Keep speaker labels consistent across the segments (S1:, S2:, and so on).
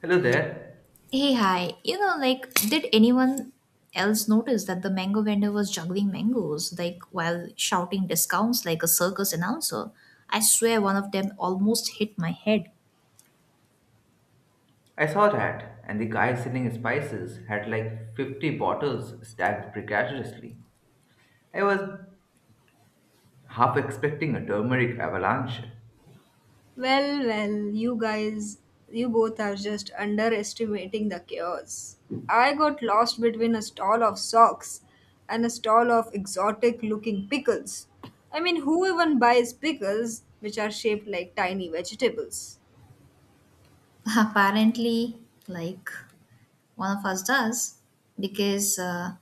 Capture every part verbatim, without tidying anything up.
S1: Hello there.
S2: Hey, hi. You know, like, did anyone else notice that the mango vendor was juggling mangoes, like, while shouting discounts like a circus announcer? I swear one of them almost hit my head.
S1: I saw that, and the guy selling spices had like fifty bottles stacked precariously. I was half expecting a turmeric avalanche.
S3: Well, well, you guys, you both are just underestimating the chaos. I got lost between a stall of socks and a stall of exotic looking pickles. I mean, who even buys pickles which are shaped like tiny vegetables?
S2: Apparently, like, one of us does, because uh,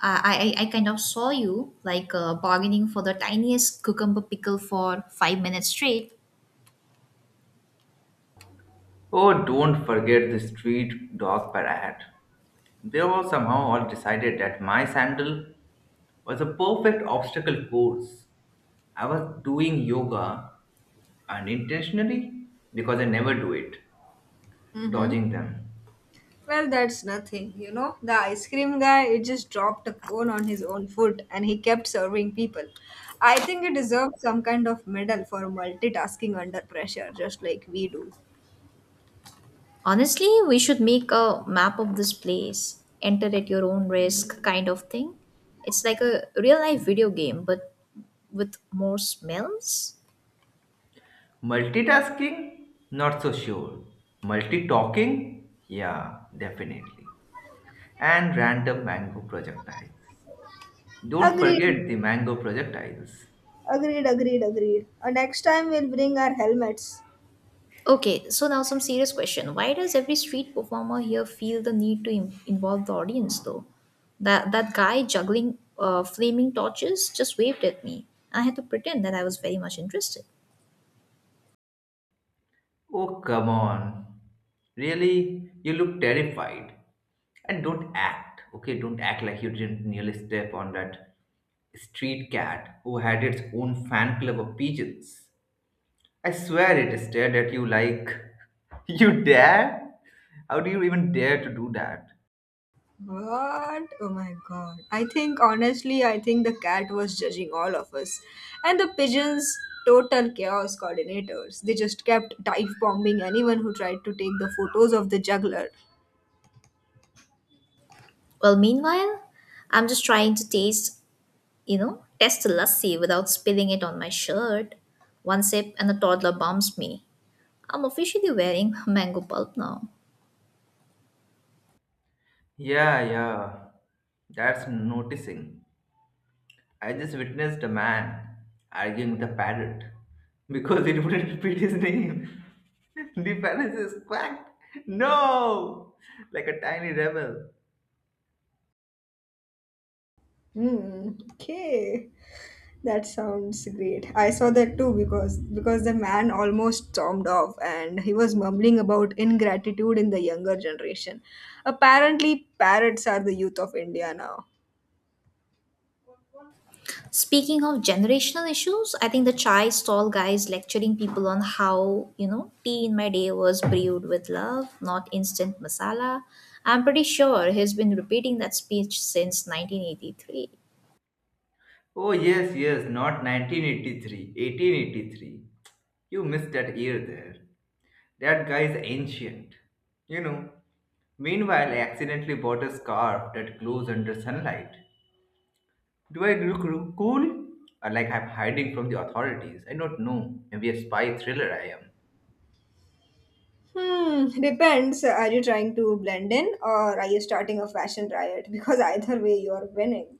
S2: I, I, I kind of saw you, like, uh, bargaining for the tiniest cucumber pickle for five minutes straight.
S1: Oh, don't forget the street dog parade. They all somehow all decided that my sandal was a perfect obstacle course. I was doing yoga unintentionally because I never do it,
S3: Mm-hmm.
S1: dodging them.
S3: Well, that's nothing, you know. The ice cream guy, it just dropped a cone on his own foot and he kept serving people. I think he deserves some kind of medal for multitasking under pressure, just like we do.
S2: Honestly, we should make a map of this place, enter at your own risk kind of thing. It's like a real life video game, but with more smells.
S1: Multitasking? Not so sure. Multi-talking? Yeah, definitely. And random mango projectiles. Don't
S3: Agreed.
S1: forget the mango projectiles.
S3: Agreed, agreed, agreed. Uh, next time we'll bring our helmets.
S2: Okay, so now some serious question. Why does every street performer here feel the need to im- involve the audience though? That that guy juggling uh, flaming torches just waved at me. I had to pretend that I was very much interested.
S1: Oh, come on. Really? You look terrified. And don't act, okay? Don't act like you didn't nearly step on that street cat who had its own fan club of pigeons. I swear it stared at you like, you dare? How do you even dare to do that?
S3: What? Oh my god. I think, honestly, I think the cat was judging all of us. And the pigeons, total chaos coordinators. They just kept dive bombing anyone who tried to take the photos of the juggler.
S2: Well, meanwhile, I'm just trying to taste you know, test lassi without spilling it on my shirt. One sip and the toddler bumps me. I'm officially wearing mango pulp now.
S1: Yeah, yeah. That's noticing. I just witnessed a man arguing with a parrot because it wouldn't repeat his name. The parrot is quacked. No! Like a tiny rebel.
S3: Hmm. Okay. That sounds great. I saw that too because because the man almost stormed off and he was mumbling about ingratitude in the younger generation. Apparently, parrots are the youth of India now.
S2: Speaking of generational issues, I think the chai stall guy is lecturing people on how, you know, tea in my day was brewed with love, not instant masala. I'm pretty sure he's been repeating that speech since nineteen eighty-three.
S1: Oh, yes, yes, not nineteen eighty-three, eighteen eighty-three. You missed that year there. That guy is ancient, you know. Meanwhile, I accidentally bought a scarf that glows under sunlight. Do I look ro- cool? Or like I'm hiding from the authorities? I don't know. Maybe a spy thriller I am.
S3: Hmm, depends. Are you trying to blend in or are you starting a fashion riot? Because either way, you're winning.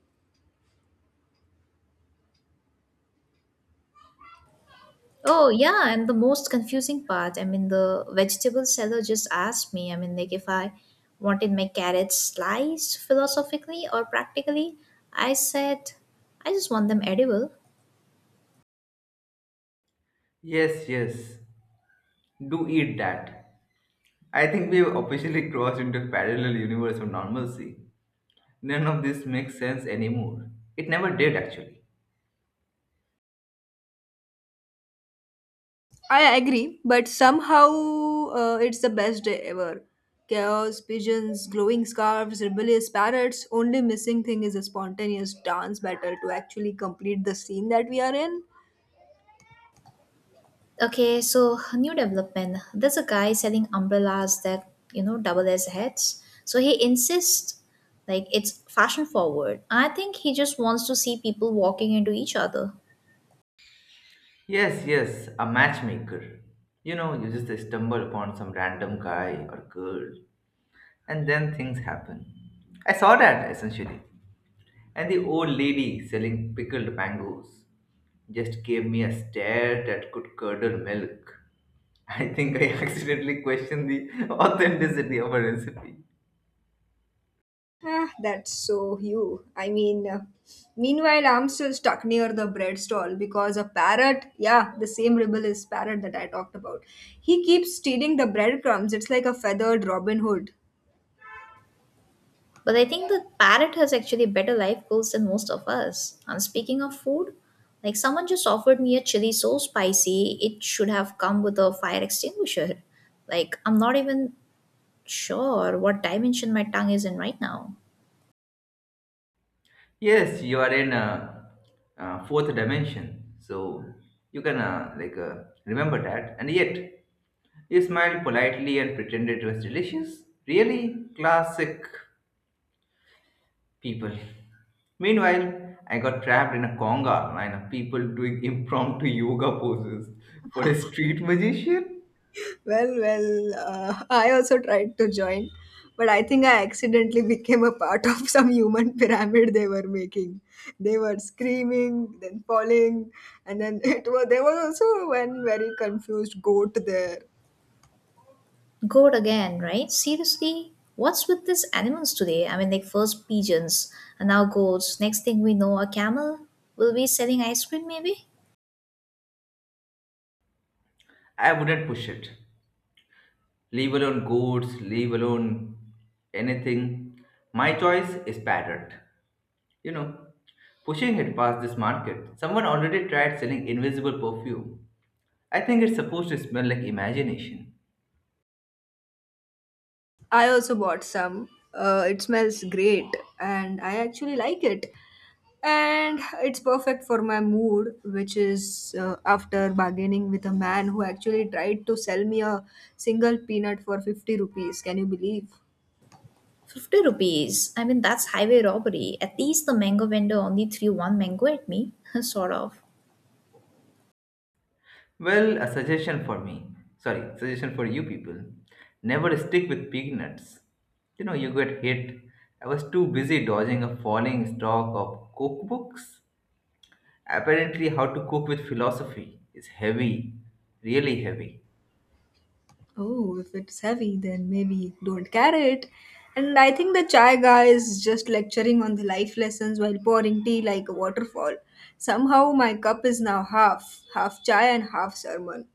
S2: Oh, yeah, and the most confusing part, I mean, the vegetable seller just asked me, I mean, like if I wanted my carrots sliced philosophically or practically. I said, I just want them edible.
S1: Yes, yes. Do eat that. I think we've officially crossed into a parallel universe of normalcy. None of this makes sense anymore. It never did, actually.
S3: I agree, but somehow uh, it's the best day ever. Chaos, pigeons, glowing scarves, rebellious parrots. Only missing thing is a spontaneous dance battle to actually complete the scene that we are in.
S2: Okay, so new development. There's a guy selling umbrellas that, you know, double as heads. So he insists like it's fashion forward. I think he just wants to see people walking into each other.
S1: Yes, yes, a matchmaker. You know, you just stumble upon some random guy or girl, and then things happen. I saw that, essentially. And the old lady selling pickled mangoes just gave me a stare that could curdle milk. I think I accidentally questioned the authenticity of a recipe.
S3: Ah, that's so you. I mean, uh, meanwhile, I'm still stuck near the bread stall because a parrot, yeah, the same rebellious parrot that I talked about, he keeps stealing the breadcrumbs. It's like a feathered Robin Hood.
S2: But I think the parrot has actually better life goals than most of us. And speaking of food, like someone just offered me a chili so spicy, it should have come with a fire extinguisher. Like, I'm not even sure what dimension my tongue is in right now.
S1: Yes, you are in a, uh fourth dimension, so you can uh, like uh, remember that. And yet, he smiled politely and pretended it was delicious. Really classic people. Meanwhile, I got trapped in a conga line of people doing impromptu yoga poses for a street magician.
S3: Well, well, uh, I also tried to join, but I think I accidentally became a part of some human pyramid they were making. They were screaming, then falling, and then it was there was also one very confused goat there.
S2: Goat again, right? Seriously? What's with these animals today? I mean, like, first pigeons, and now goats. Next thing we know, a camel. Will be selling ice cream, maybe?
S1: I wouldn't push it. Leave alone goats, leave alone anything. My choice is parrot. You know, pushing it past this market, someone already tried selling invisible perfume. I think it's supposed to smell like imagination.
S3: I also bought some. Uh, it smells great and I actually like it. And it's perfect for my mood, which is uh, after bargaining with a man who actually tried to sell me a single peanut for fifty rupees. Can you believe?
S2: fifty rupees. I mean, that's highway robbery. At least the mango vendor only threw one mango at me, sort of.
S1: Well, a suggestion for me. Sorry, suggestion for you people. Never stick with peanuts. You know, you get hit. I was too busy dodging a falling stock of cookbooks. Apparently, how to cook with philosophy is heavy, really heavy.
S3: Oh, if it's heavy, then maybe don't carry it. And I think the chai guy is just lecturing on the life lessons while pouring tea like a waterfall. Somehow my cup is now half, half chai and half sermon.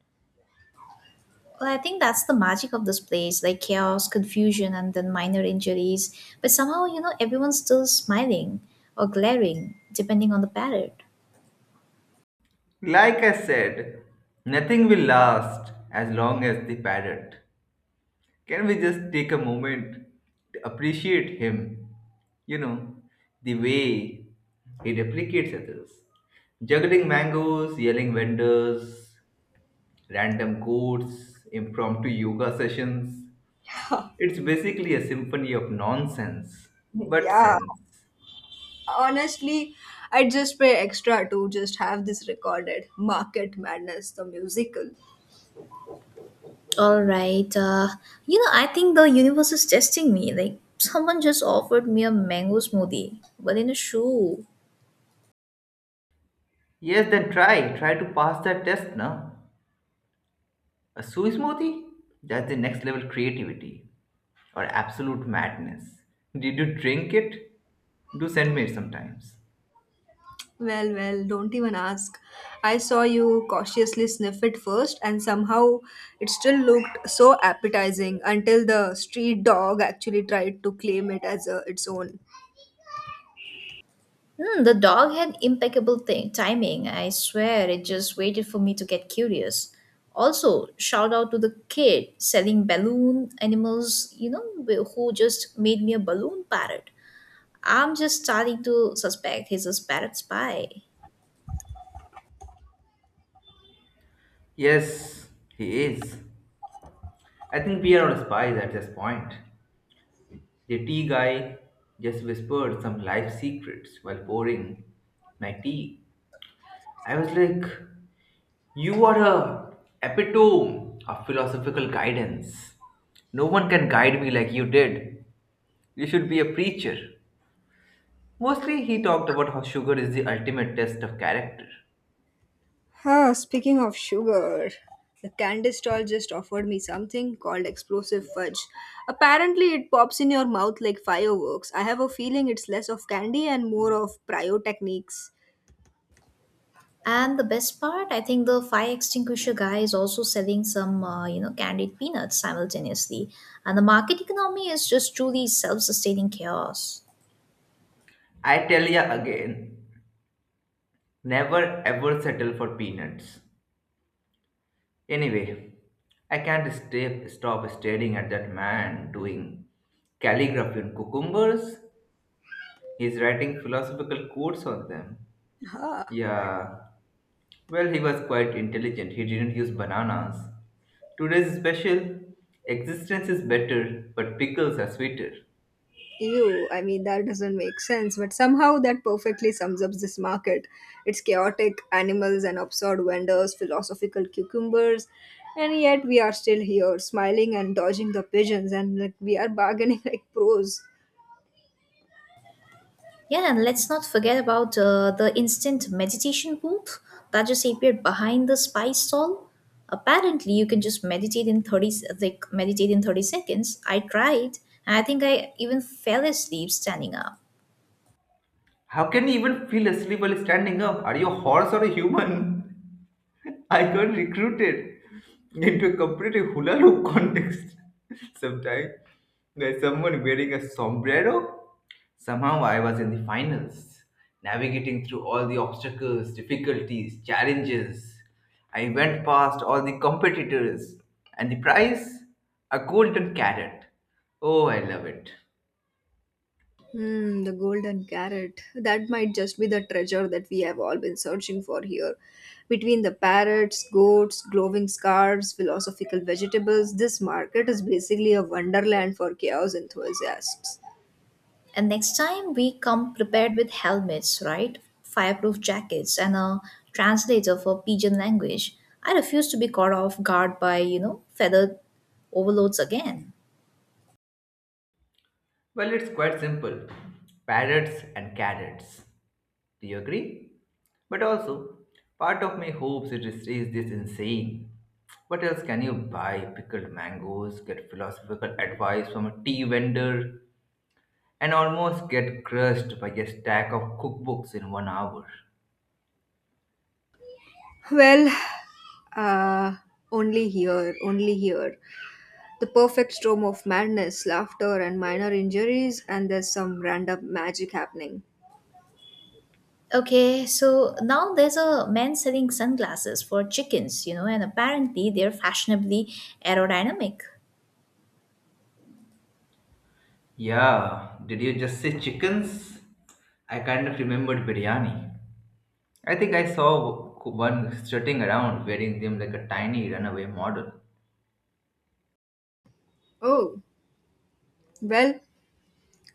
S2: Well, I think that's the magic of this place like chaos, confusion, and then minor injuries. But somehow, you know, everyone's still smiling or glaring, depending on the parrot.
S1: Like I said, nothing will last as long as the parrot. Can we just take a moment to appreciate him? You know, the way he replicates others. Juggling mangoes, yelling vendors, random quotes, impromptu yoga sessions. It's basically a symphony of nonsense, but
S3: Yeah.
S1: sense.
S3: Honestly, I'd just pay extra to just have this recorded market madness, the musical.
S2: All right. Uh, you know, I think the universe is testing me. Like, someone just offered me a mango smoothie, but in a shoe.
S1: Yes, then try. Try to pass that test now. A soy smoothie? That's the next level creativity or absolute madness. Did you drink it? Do send me it sometimes.
S3: well well don't even ask. I saw you cautiously sniff it first and somehow it still looked so appetizing until the street dog actually tried to claim it as a, its own.
S2: Hmm, the dog had impeccable t- timing. I swear it just waited for me to get curious. Also, shout out to the kid selling balloon animals, you know, wh- who just made me a balloon parrot. I'm just starting to suspect he's a parrot spy.
S1: Yes, he is. I think we are all spies at this point. The tea guy just whispered some life secrets while pouring my tea. I was like, you are a epitome of philosophical guidance. No one can guide me like you did. You should be a preacher. Mostly he talked about how sugar is the ultimate test of character.
S3: Huh, speaking of sugar, the candy stall just offered me something called explosive fudge. Apparently, it pops in your mouth like fireworks. I have a feeling it's less of candy and more of pyrotechnics.
S2: And the best part, I think the fire extinguisher guy is also selling some, uh, you know, candied peanuts simultaneously. And the market economy is just truly self sustaining chaos.
S1: I tell ya again, never ever settle for peanuts. Anyway, I can't stay, stop staring at that man doing calligraphy on cucumbers. He's writing philosophical quotes on them.
S3: Huh.
S1: Yeah, well, he was quite intelligent. He didn't use bananas. Today's special, existence is better, but pickles are sweeter.
S3: Ew, I mean, that doesn't make sense, but somehow that perfectly sums up this market. It's chaotic animals and absurd vendors, philosophical cucumbers, and yet we are still here, smiling and dodging the pigeons, and like we are bargaining like pros.
S2: Yeah, and let's not forget about uh, the instant meditation booth that just appeared behind the spice stall. Apparently, you can just meditate in 30 s- like meditate in thirty seconds. I tried, and I think I even fell asleep standing up.
S1: How can you even feel asleep while standing up? Are you a horse or a human? I got recruited into a completely hula hoop contest sometime by someone wearing a sombrero. Somehow I was in the finals, navigating through all the obstacles, difficulties, challenges. I went past all the competitors, and the prize, a golden carrot. Oh, I love it.
S3: Hmm, the golden carrot. That might just be the treasure that we have all been searching for here. Between the parrots, goats, glowing scarves, philosophical vegetables, this market is basically a wonderland for chaos enthusiasts.
S2: And next time we come prepared with helmets, right? Fireproof jackets and a translator for pigeon language. I refuse to be caught off guard by, you know, feathered overloads again.
S1: Well, it's quite simple. Parrots and carrots. Do you agree? But also, part of me hopes it is stays this insane. What else can you buy? Pickled mangoes, get philosophical advice from a tea vendor, and almost get crushed by a stack of cookbooks in one hour.
S3: Well, uh, only here, only here. The perfect storm of madness, laughter, and minor injuries, and there's some random magic happening.
S2: Okay, so now there's a man selling sunglasses for chickens, you know, and apparently they're fashionably aerodynamic.
S1: Yeah, did you just say chickens? I kind of remembered biryani. I think I saw one strutting around wearing them like a tiny runaway model.
S3: Oh, well,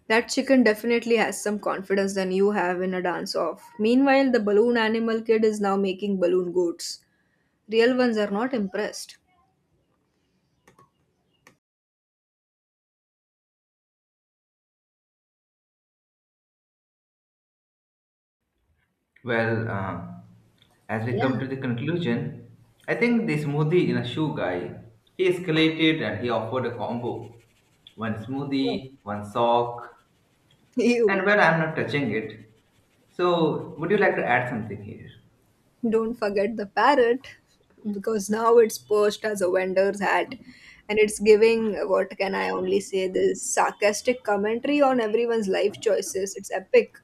S3: that chicken definitely has some confidence than you have in a dance off. Meanwhile, the balloon animal kid is now making balloon goats. Real ones are not impressed.
S1: Well, uh, as we come
S2: Yeah.
S1: to the conclusion, I think the smoothie in a shoe guy, he escalated and he offered a combo. One smoothie, one sock, and
S3: Ew.
S1: well, I'm not touching it. So, would you like to add something here?
S3: Don't forget the parrot, because now it's posed as a vendor's hat and it's giving what can I only say this sarcastic commentary on everyone's life choices. It's epic.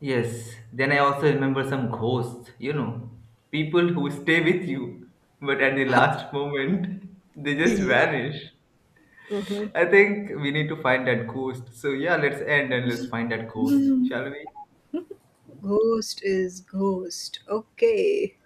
S1: Yes, then I also remember some ghosts, you know, people who stay with you, but at the last moment, they just
S3: Yeah.
S1: vanish.
S3: Uh-huh.
S1: I think we need to find that ghost. So, yeah, let's end and let's find that ghost, shall we?
S3: Ghost is ghost. Okay.